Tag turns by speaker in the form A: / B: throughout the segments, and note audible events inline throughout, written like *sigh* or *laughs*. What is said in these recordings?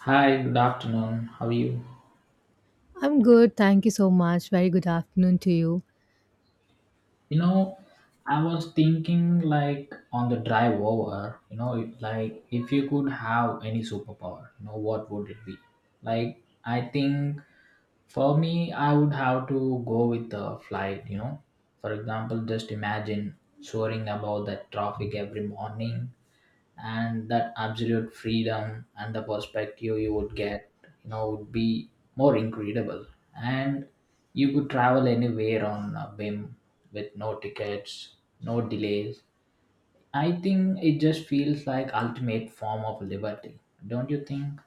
A: Hi, good afternoon. How are you?
B: I'm good. Thank you so much. Very good afternoon to you.
A: You know, I was thinking like on the drive over, like if you could have any superpower, what would it be? Like, I think for me, I would have to go with the flight. For example, just imagine soaring above that traffic every morning, and that absolute freedom, and the perspective you would get would be more incredible, and you could travel anywhere on a whim with no tickets, no delays. I think it just feels like ultimate form of liberty, don't you think?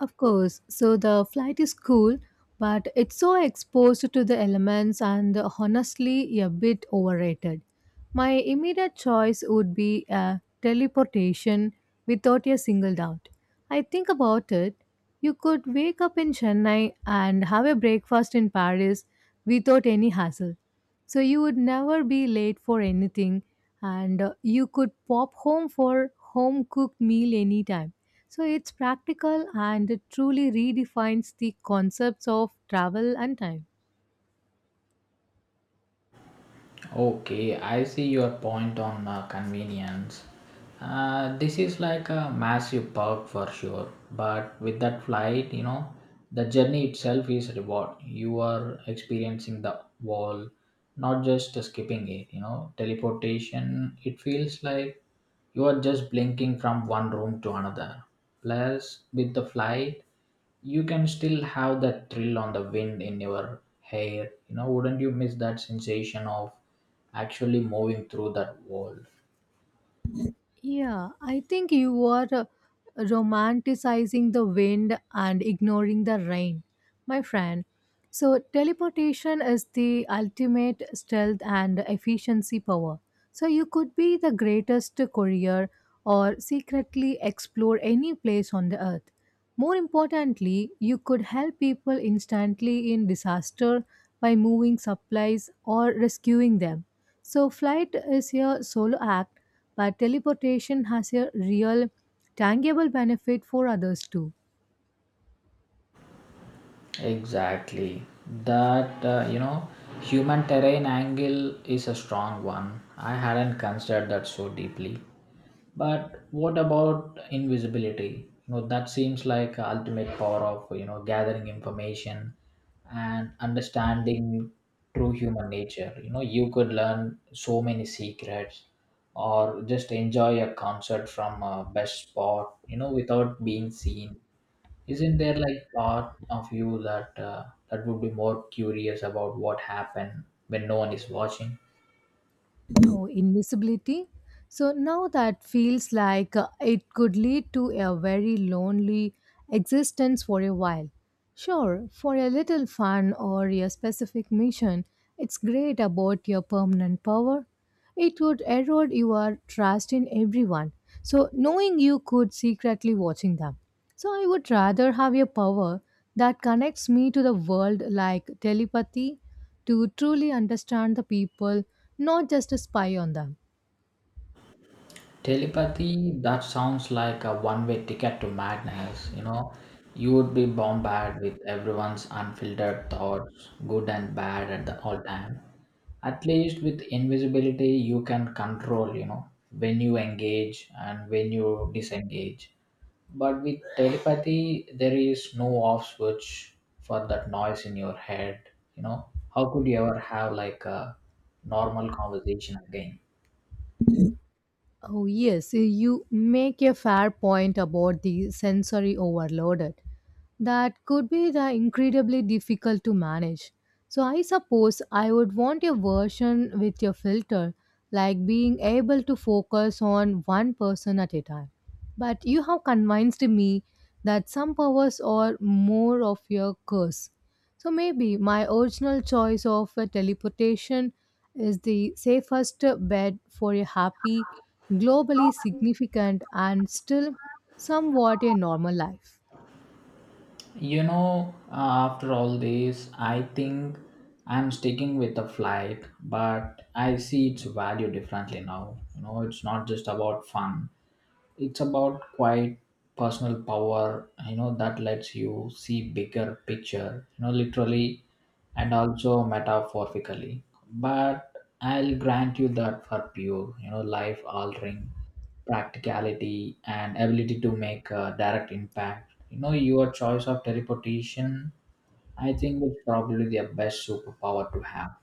B: Of course. So the flight is cool, but it's so exposed to the elements and honestly a bit overrated. My immediate choice would be a teleportation without a single doubt. I think about it. You could wake up in Chennai and have a breakfast in Paris without any hassle. So you would never be late for anything and you could pop home for home cooked meal anytime so it's practical and it truly redefines the concepts of travel and time.
A: Okay, I see your point on convenience. This is like a massive perk for sure, but with that flight, the journey itself is reward. You are experiencing the wall, not just skipping it. Teleportation. It feels like you are just blinking from one room to another. Plus, with the flight, you can still have that thrill on the wind in your hair wouldn't you miss that sensation of actually moving through that world?
B: Yeah, I think you are romanticizing the wind and ignoring the rain, my friend. So, teleportation is the ultimate stealth and efficiency power. So, you could be the greatest courier or secretly explore any place on the earth. More importantly, you could help people instantly in disaster by moving supplies or rescuing them. So, flight is your solo act but teleportation has a real, tangible benefit for others too.
A: Exactly. That, human terrain angle is a strong one. I hadn't considered that so deeply. But what about invisibility? That seems like a ultimate power of, gathering information and understanding true human nature. You could learn so many secrets, or just enjoy a concert from a best spot, without being seen. Isn't there like part of you that that would be more curious about what happened when no one is watching?
B: Oh, invisibility. So now that feels like it could lead to a very lonely existence for a while. Sure, for a little fun or a specific mission, it's great about your permanent power. It would erode your trust in everyone. So knowing you could secretly watching them. So I would rather have a power that connects me to the world like telepathy to truly understand the people, not just spy on them.
A: Telepathy, that sounds like a one-way ticket to madness. You would be bombarded with everyone's unfiltered thoughts, good and bad at the all time. At least with invisibility, you can control. When you engage and when you disengage. But with telepathy, there is no off switch for that noise in your head. How could you ever have like a normal conversation again?
B: Oh, yes, you make a fair point about the sensory overloaded. That could be the incredibly difficult to manage. So, I suppose I would want a version with a filter, like being able to focus on one person at a time. But you have convinced me that some powers are more of your curse. So maybe my original choice of a teleportation is the safest bed for a happy, globally significant, and still somewhat a normal life.
A: You know, uh, after all this, I think I'm sticking with the flight, but I see its value differently now. It's not just about fun, it's about quiet personal power that lets you see bigger picture literally and also metaphorically, but I'll grant you that for pure life altering practicality and ability to make a direct impact your choice of teleportation, I think, is probably the best superpower to have.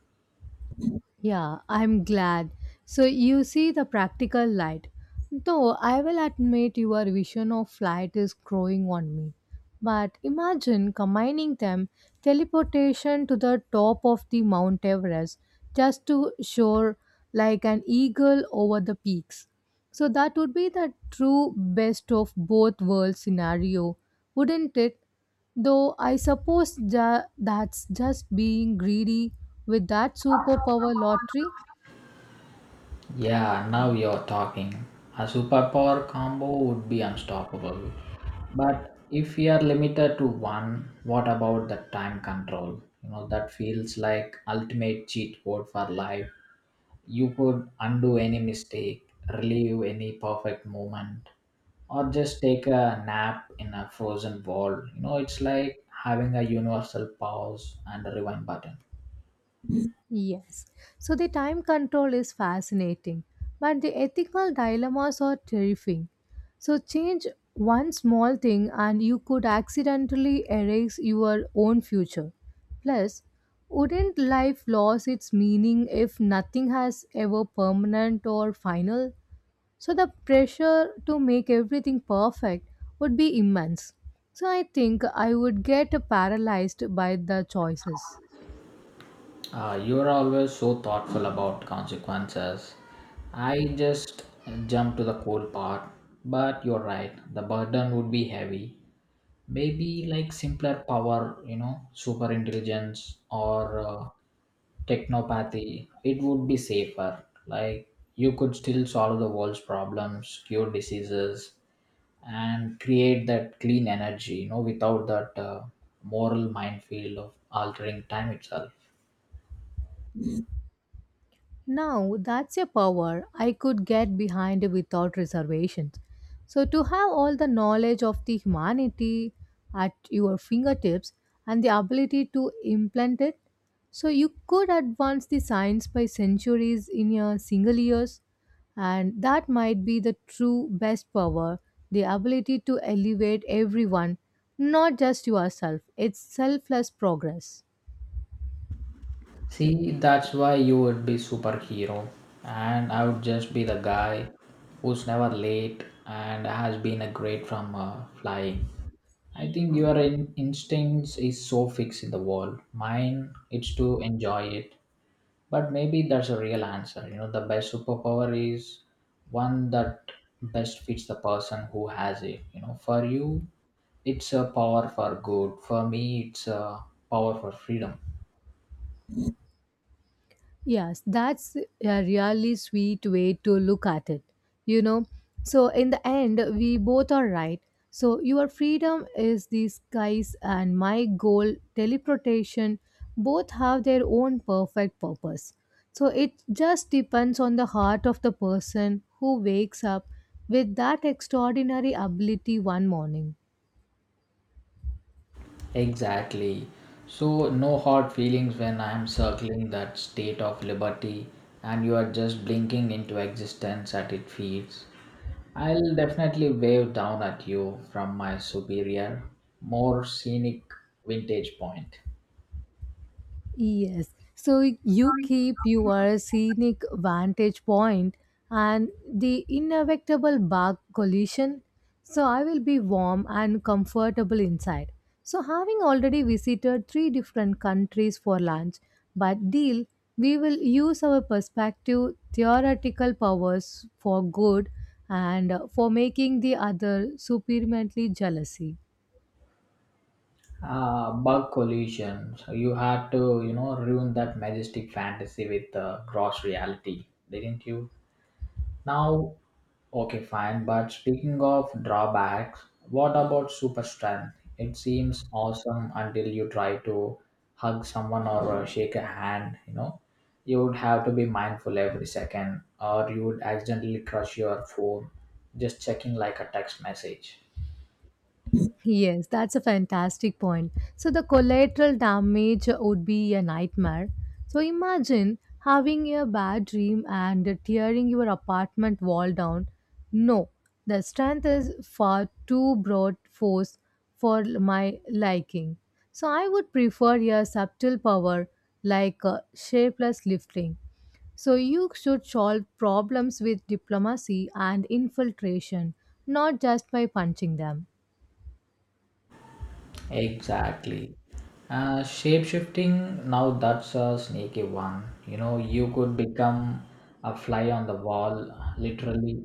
B: Yeah, I'm glad. So you see the practical light. Though I will admit your vision of flight is growing on me. But imagine combining them teleportation to the top of the Mount Everest just to soar like an eagle over the peaks. So that would be the true best of both worlds scenario, wouldn't it? Though I suppose that's just being greedy with that superpower lottery.
A: Yeah, now you're talking. A superpower combo would be unstoppable. But if we are limited to one, what about the time control? That feels like ultimate cheat code for life. You could undo any mistake, relive any perfect moment, or just take a nap in a frozen world. It's like having a universal pause and a rewind button.
B: Yes. So the time control is fascinating, but the ethical dilemmas are terrifying. So change one small thing and you could accidentally erase your own future. Plus, wouldn't life lose its meaning if nothing has ever permanent or final? So the pressure to make everything perfect would be immense. So I think I would get paralyzed by the choices.
A: You're always so thoughtful about consequences. I just jump to the cold part. But you're right, the burden would be heavy. Maybe like simpler power, super intelligence or technopathy, it would be safer. Like you could still solve the world's problems, cure diseases, and create that clean energy, without that moral minefield of altering time itself.
B: Now, that's a power I could get behind without reservations. So, to have all the knowledge of the humanity at your fingertips and the ability to implant it, so you could advance the science by centuries in a single years, and that might be the true best power, the ability to elevate everyone, not just yourself. It's selfless progress.
A: See, that's why you would be superhero, and I would just be the guy who's never late and has been a great from flying. I think your instincts is so fixed in the world. Mine, it's to enjoy it. But maybe that's a real answer. The best superpower is one that best fits the person who has it. For you, it's a power for good. For me, it's a power for freedom.
B: Yes, that's a really sweet way to look at it. You know, so in the end, we both are right. So your freedom is the skies and my goal, teleportation, both have their own perfect purpose. So it just depends on the heart of the person who wakes up with that extraordinary ability one morning.
A: Exactly. So, no hard feelings when I am circling that state of liberty and you are just blinking into existence at its feet. I'll definitely wave down at you from my superior, more scenic vintage point.
B: Yes. So you keep your scenic vantage point and the inevitable bark collision. So I will be warm and comfortable inside. So having already visited three different countries for lunch, but deal, we will use our perspective theoretical powers for good and for making the other supremely jealousy.
A: Bug collision. So you had to, ruin that majestic fantasy with gross reality, didn't you? Now, okay, fine. But speaking of drawbacks, what about super strength? It seems awesome until you try to hug someone or shake a hand. You would have to be mindful every second, or you would accidentally crush your phone just checking like a text message.
B: Yes, that's a fantastic point. So the collateral damage would be a nightmare. So imagine having a bad dream and tearing your apartment wall down. No, the strength is far too broad force for my liking. So I would prefer a subtle power like shapeless lifting. So you should solve problems with diplomacy and infiltration, not just by punching them.
A: Exactly. Shape shifting, now that's a sneaky one. You could become a fly on the wall, literally,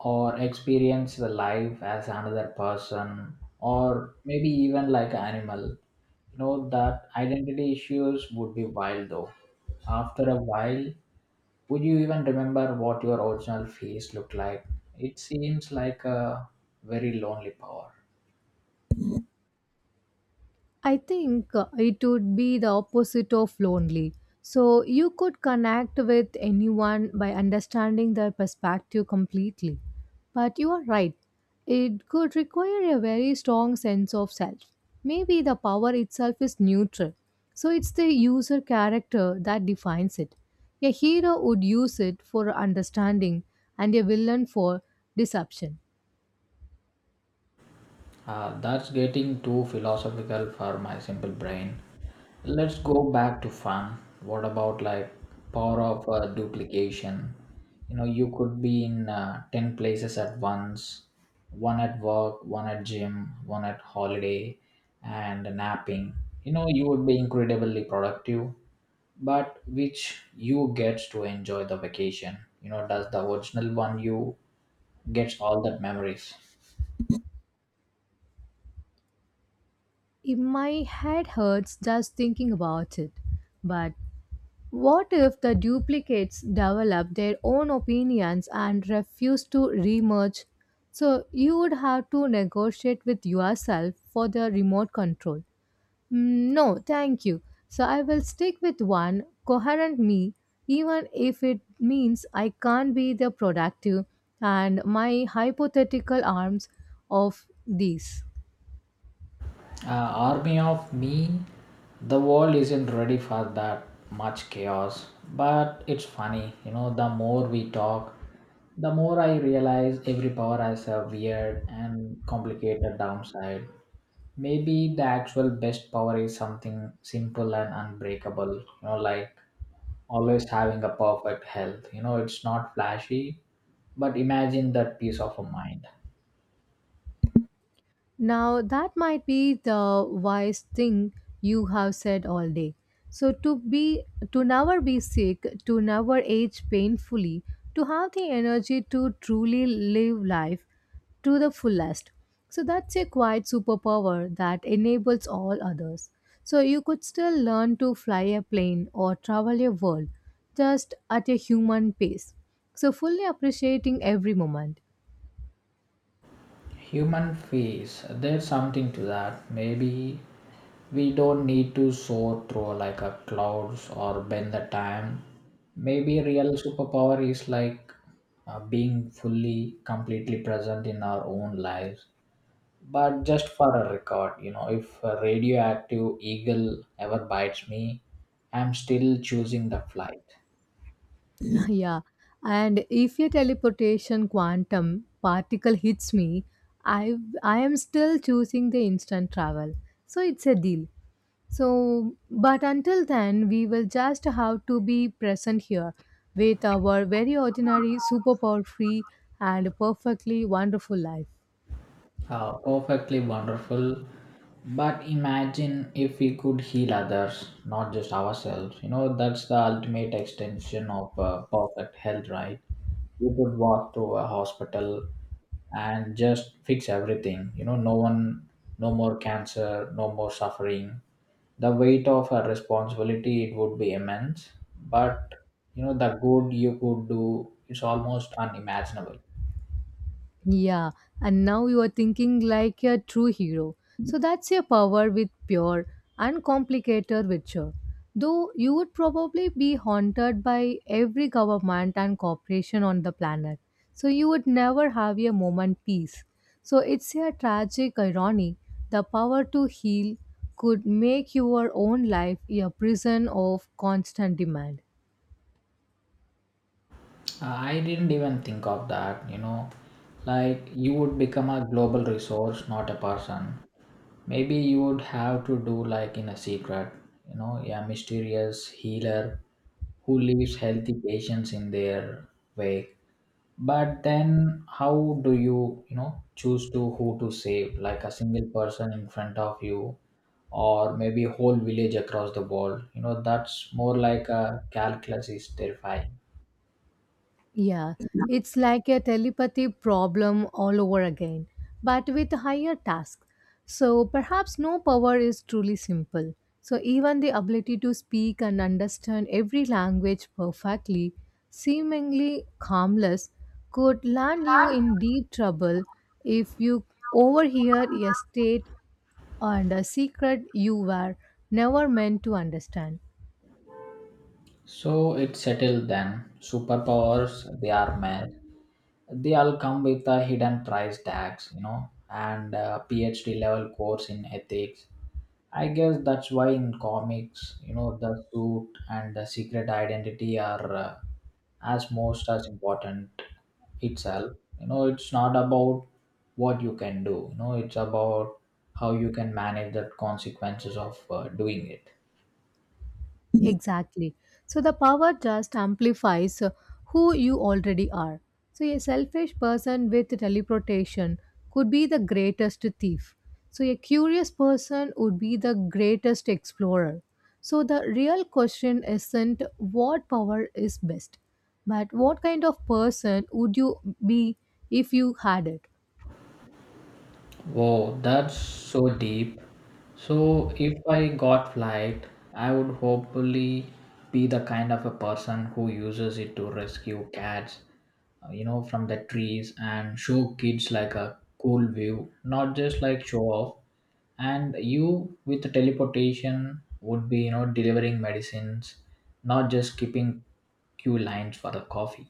A: or experience the life as another person, or maybe even like an animal. That identity issues would be wild though. After a while, would you even remember what your original face looked like? It seems like a very lonely power.
B: I think it would be the opposite of lonely. So you could connect with anyone by understanding their perspective completely. But you are right, it could require a very strong sense of self. Maybe the power itself is neutral, so it's the user character that defines it. A hero would use it for understanding and a villain for deception.
A: That's getting too philosophical for my simple brain. Let's go back to fun. What about like power of duplication? You could be in 10 places at once, one at work, one at gym, one at holiday, and napping. You would be incredibly productive, but which you gets to enjoy the vacation? Does the original one you gets all that memories?
B: If my head hurts just thinking about it, but what if the duplicates develop their own opinions and refuse to remerge? So you would have to negotiate with yourself for the remote control. Mm, no, thank you. So I will stick with one coherent me, even if it means I can't be the productive and my hypothetical arms of these.
A: Army of me, the world isn't ready for that much chaos. But it's funny, the more we talk, the more I realize every power has a weird and complicated downside. Maybe the actual best power is something simple and unbreakable, like always having a perfect health. It's not flashy, but imagine that peace of a mind.
B: Now, that might be the wise thing you have said all day. So, to be, to never be sick, to never age painfully, to have the energy to truly live life to the fullest. So, that's a quiet superpower that enables all others. So, you could still learn to fly a plane or travel a world just at a human pace. So, fully appreciating every moment.
A: Human face, there's something to that. Maybe we don't need to soar through like a clouds or bend the time. Maybe real superpower is like being fully completely present in our own lives. But just for a record if a radioactive eagle ever bites me, I'm still choosing the flight.
B: Yeah, and if your teleportation quantum particle hits me, I I am still choosing the instant travel. So it's a deal. So, but until then, we will just have to be present here with our very ordinary, superpower free, and perfectly wonderful life.
A: How perfectly wonderful. But imagine if we could heal others, not just ourselves. That's the ultimate extension of perfect health, right? You could walk through a hospital and just fix everything. No one, no more cancer, no more suffering. The weight of a responsibility, it would be immense. But, the good you could do is almost unimaginable.
B: Yeah, and now you are thinking like a true hero. So that's your power with pure, uncomplicated virtue. Though you would probably be haunted by every government and corporation on the planet. So you would never have a moment peace. So it's a tragic irony. The power to heal could make your own life a prison of constant demand.
A: I didn't even think of that. Like, you would become a global resource, not a person. Maybe you would have to do like in a secret, a mysterious healer who leaves healthy patients in their wake. But then, how do you, choose to who to save? Like a single person in front of you, or maybe a whole village across the world. That's more like a calculus is terrifying.
B: Yeah, it's like a telepathy problem all over again, but with higher tasks. So perhaps no power is truly simple. So even the ability to speak and understand every language perfectly, seemingly harmless, could land you in deep trouble if you overhear a state and a secret you were never meant to understand.
A: So it's settled then. Superpowers, they are mad. They all come with a hidden price tags, and a PhD level course in ethics. I guess that's why in comics, the suit and the secret identity are as most as important itself. It's not about what you can do. It's about how you can manage the consequences of doing it.
B: Exactly. So the power just amplifies who you already are. So a selfish person with teleportation could be the greatest thief. So a curious person would be the greatest explorer. So the real question isn't what power is best, but what kind of person would you be if you had it?
A: Wow, that's so deep. So, if I got flight, I would hopefully be the kind of a person who uses it to rescue cats, from the trees and show kids like a cool view, not just like show off. And you with the teleportation would be, delivering medicines, not just keeping queue lines for the coffee.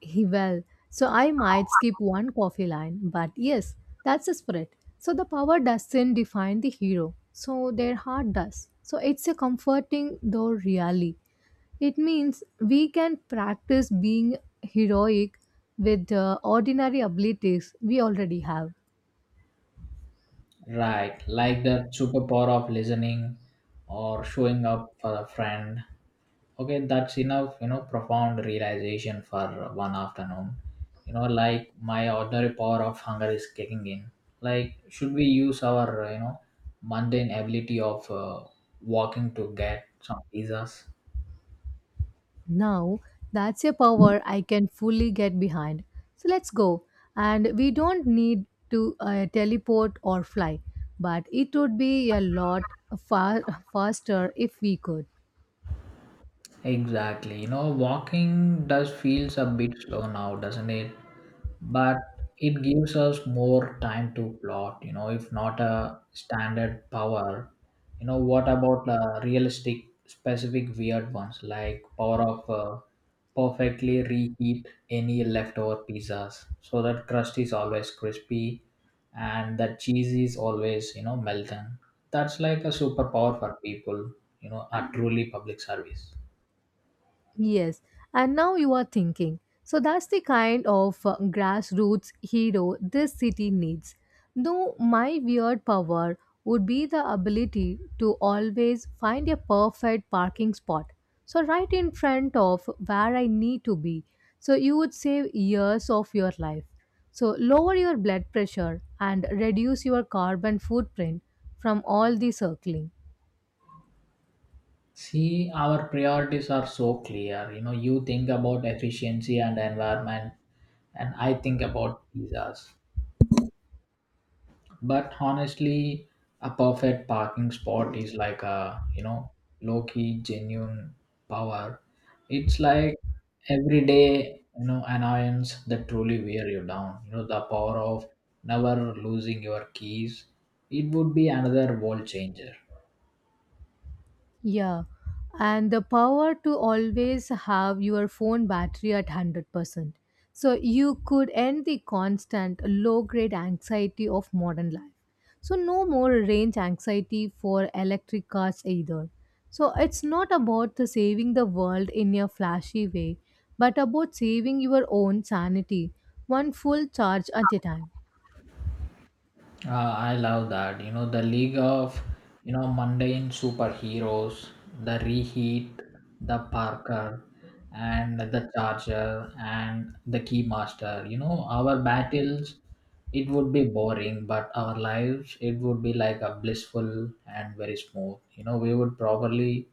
B: He- Well, so I might skip one coffee line, but yes, that's the spirit. So the power doesn't define the hero, so their heart does. So it's a comforting though really. It means we can practice being heroic with the ordinary abilities we already have.
A: Right, like that superpower of listening or showing up for a friend. Okay, that's enough, profound realization for one afternoon. Like my ordinary power of hunger is kicking in. Like, should we use our, mundane ability of walking to get some pizzas?
B: Now, that's a power I can fully get behind. So let's go. And we don't need to teleport or fly, but it would be a lot far *laughs* faster if we could.
A: Exactly. Walking does feels a bit slow now, doesn't it? But it gives us more time to plot, if not a standard power. What about realistic, specific, weird ones like power of perfectly reheat any leftover pizzas so that crust is always crispy and the cheese is always, melting. That's like a superpower for people, are truly public service.
B: Yes, and now you are thinking. So that's the kind of grassroots hero this city needs. Though my weird power would be the ability to always find a perfect parking spot. So, right in front of where I need to be. So, you would save years of your life. So, lower your blood pressure and reduce your carbon footprint from all the circling.
A: See, our priorities are so clear. You think about efficiency and environment, and I think about pizzas. But honestly, a perfect parking spot is like a, low key, genuine power. It's like everyday, annoyance that truly wear you down. The power of never losing your keys. It would be another world changer.
B: Yeah, and the power to always have your phone battery at 100%. So you could end the constant low grade anxiety of modern life. So, no more range anxiety for electric cars either. So, it's not about the saving the world in a flashy way, but about saving your own sanity, one full charge at a time.
A: I love that. The League of, mundane superheroes, the Reheat, the Parker, and the Charger, and the Keymaster. Our battles, it would be boring, but our lives, it would be like a blissful and very smooth. We would probably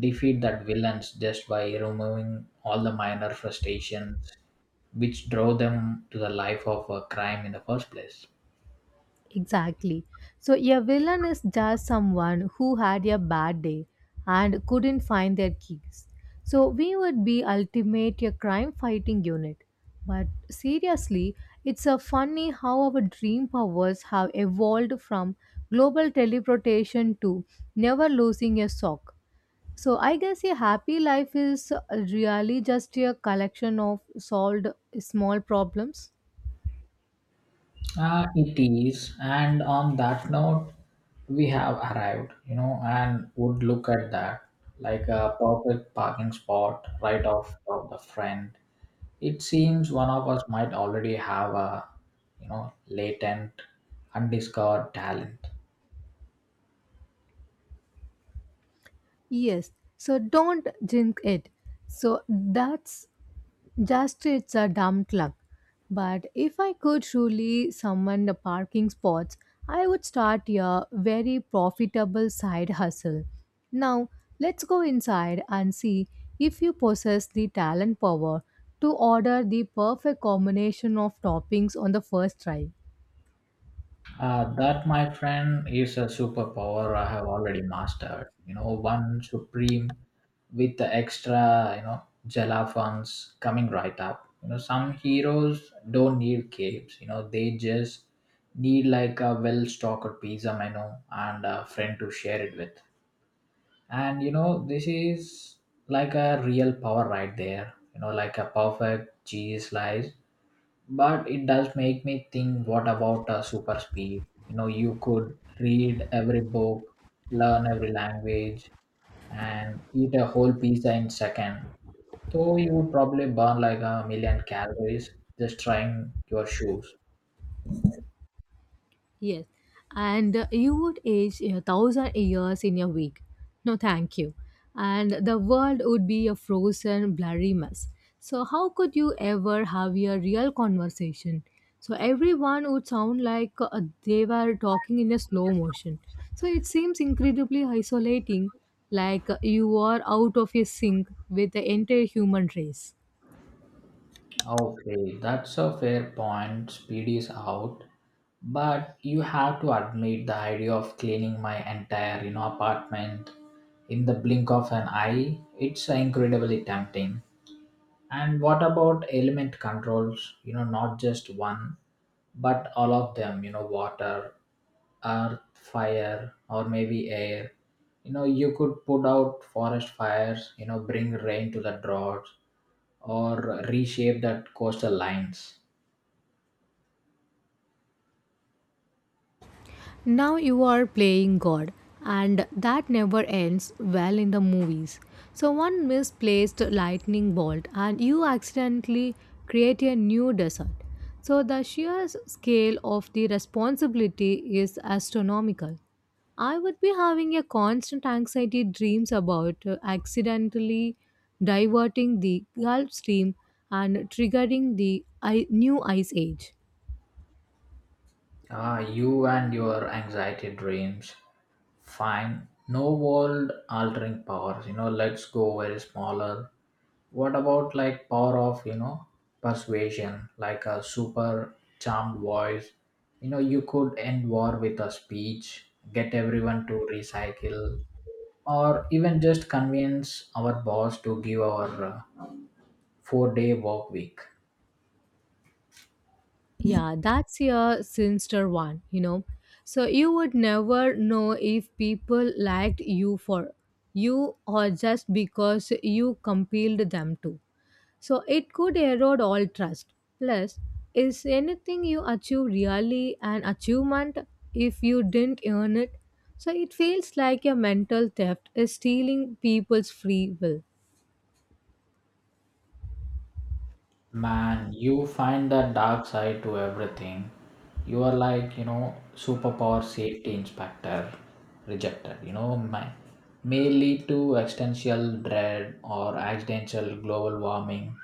A: defeat that villains just by removing all the minor frustrations which drove them to the life of a crime in the first place.
B: Exactly. So, a villain is just someone who had a bad day and couldn't find their keys. So, we would be ultimate a crime fighting unit. But seriously, it's a funny how our dream powers have evolved from global teleportation to never losing a sock. So, I guess a happy life is really just a collection of solved small problems.
A: It is, and on that note, we have arrived, you know, and would look at that like a perfect parking spot right off of the front. It seems one of us might already have a, you know, latent, undiscovered talent.
B: Yes, so don't drink it. So that's just it's a dumb luck. But if I could truly summon the parking spots, I would start a very profitable side hustle. Now, let's go inside and see if you possess the talent power to order the perfect combination of toppings on the first try.
A: That, my friend, is a superpower I have already mastered. You know, one supreme with the extra, you know, gelafons coming right up. You know, some heroes don't need capes. You know, they just need like a well-stocked pizza menu and a friend to share it with. And you know, this is like a real power right there. You know, like a perfect cheese slice, but it does make me think, what about super speed? You know, you could read every book, learn every language, and eat a whole pizza in second, so you would probably burn like a million calories just trying your shoes.
B: Yes, and you would age a thousand years in a week. No, thank you. And the world would be a frozen, blurry mess. So, how could you ever have a real conversation? So, everyone would sound like they were talking in a slow motion. So, it seems incredibly isolating, like you are out of a sync with the entire human race.
A: Okay, that's a fair point, speed is out, but you have to admit the idea of cleaning my entire, you know, apartment in the blink of an eye, it's incredibly tempting. And what about element controls? You know, not just one, but all of them, you know, water, earth, fire, or maybe air. You know, you could put out forest fires, you know, bring rain to the droughts, or reshape that coastal lines.
B: Now you are playing God, and that never ends well in the movies. So, one misplaced lightning bolt, and you accidentally create a new desert. So, the sheer scale of the responsibility is astronomical. I would be having a constant anxiety dreams about accidentally diverting the Gulf Stream and triggering the new ice age.
A: Ah, you and your anxiety dreams. Fine. No world altering powers. You know, let's go very smaller. What about like power of, you know, persuasion, like a super charmed voice? You know, you could end war with a speech, get everyone to recycle, or even just convince our boss to give our four-day work week.
B: Yeah, that's your sinister one, you know. So you would never know if people liked you for you or just because you compelled them to. So it could erode all trust. Plus, is anything you achieve really an achievement if you didn't earn it? So it feels like your mental theft is stealing people's free will.
A: Man, you find the dark side to everything. You are like, you know, superpower safety inspector rejected. You know, my, may lead to existential dread or accidental global warming.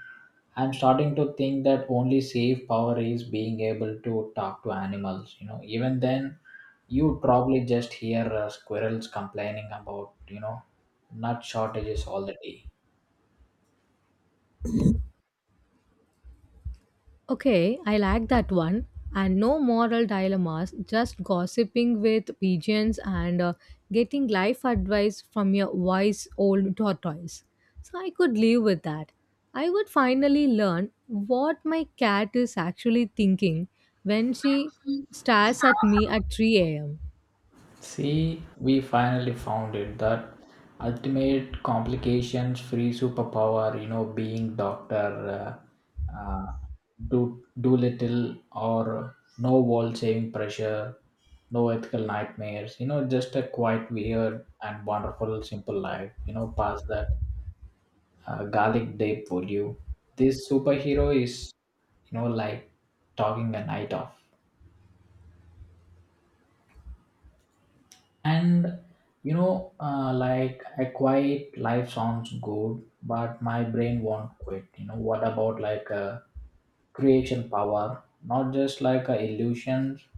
A: I'm starting to think that only safe power is being able to talk to animals. You know, even then, you probably just hear squirrels complaining about, you know, nut shortages all the day.
B: Okay, I like that one. And no moral dilemmas, just gossiping with pigeons and getting life advice from your wise old tortoise. So I could live with that. I would finally learn what my cat is actually thinking when she stares at me at 3 am.
A: See, we finally found it, that ultimate complications free superpower, you know, being Dr. Uh, uh, do little or no wall saving pressure, no ethical nightmares, you know, just a quiet, weird, and wonderful, simple life, you know, past that garlic day for you. This superhero is, you know, like talking a night off. And you know, like a quiet life sounds good, but my brain won't quit. You know, what about like a creation power, not just like a illusions,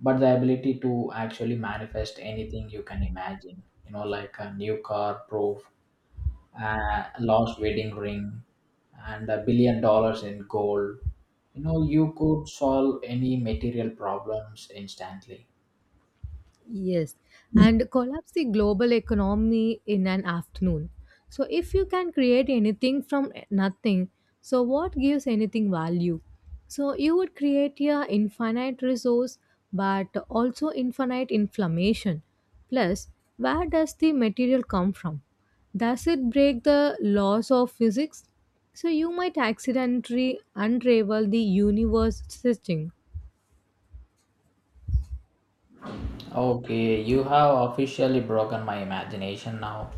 A: but the ability to actually manifest anything you can imagine? You know, like a new car proof, lost wedding ring, and $1 billion in gold. You know, you could solve any material problems instantly.
B: Yes, and collapse the global economy in an afternoon. So, if you can create anything from nothing, so what gives anything value? So, you would create a infinite resource but also infinite inflammation. Plus, where does the material come from? Does it break the laws of physics? So, you might accidentally unravel the universe's stitching.
A: Okay, you have officially broken my imagination now.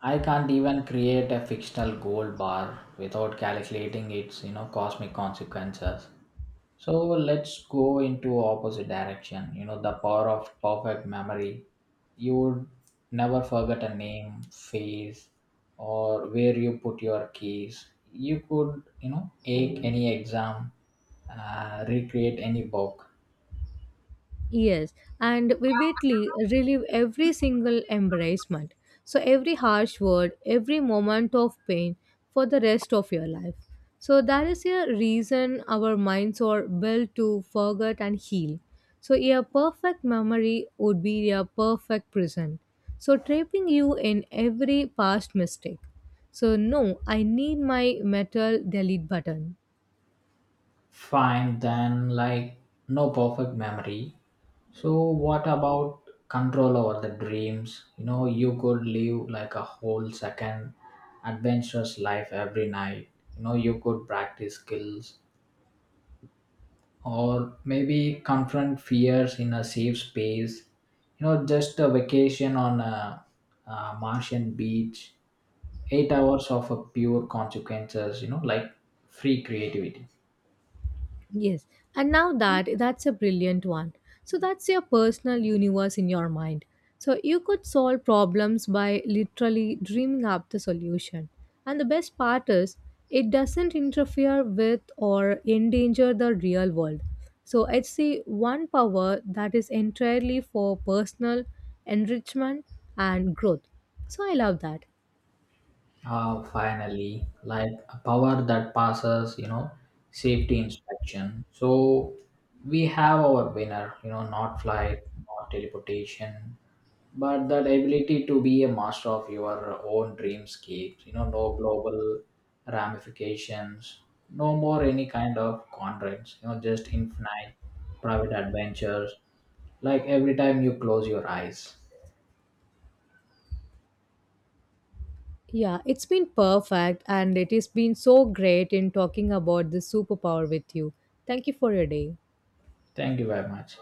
A: I can't even create a fictional gold bar without calculating its, you know, cosmic consequences. So let's go into opposite direction. You know, the power of perfect memory. You would never forget a name, face, or where you put your keys. You could, you know, take any exam, recreate any book.
B: Yes, and vividly relive every single embarrassment. So, every harsh word, every moment of pain for the rest of your life. So, that is a reason our minds are built to forget and heal. So, a perfect memory would be a perfect prison. So, trapping you in every past mistake. So, no, I need my metal delete button.
A: Fine, then, like, no perfect memory. So, what about control over the dreams? You know, you could live like a whole second adventurous life every night. You know, you could practice skills or maybe confront fears in a safe space. You know, just a vacation on a Martian beach, 8 hours of a pure consequences, you know, like free creativity.
B: Yes, and now that that's a brilliant one. So that's your personal universe in your mind. So you could solve problems by literally dreaming up the solution. And the best part is it doesn't interfere with or endanger the real world. So it's the one power that is entirely for personal enrichment and growth. So I love that.
A: Ah, finally, like a power that passes, you know, safety inspection. So we have our winner, you know, not flight, not teleportation, but that ability to be a master of your own dreamscapes, you know, no global ramifications, no more any kind of constraints, you know, just infinite private adventures, like every time you close your eyes.
B: Yeah, it's been perfect and it has been so great in talking about this superpower with you. Thank you for your day.
A: Thank you very much.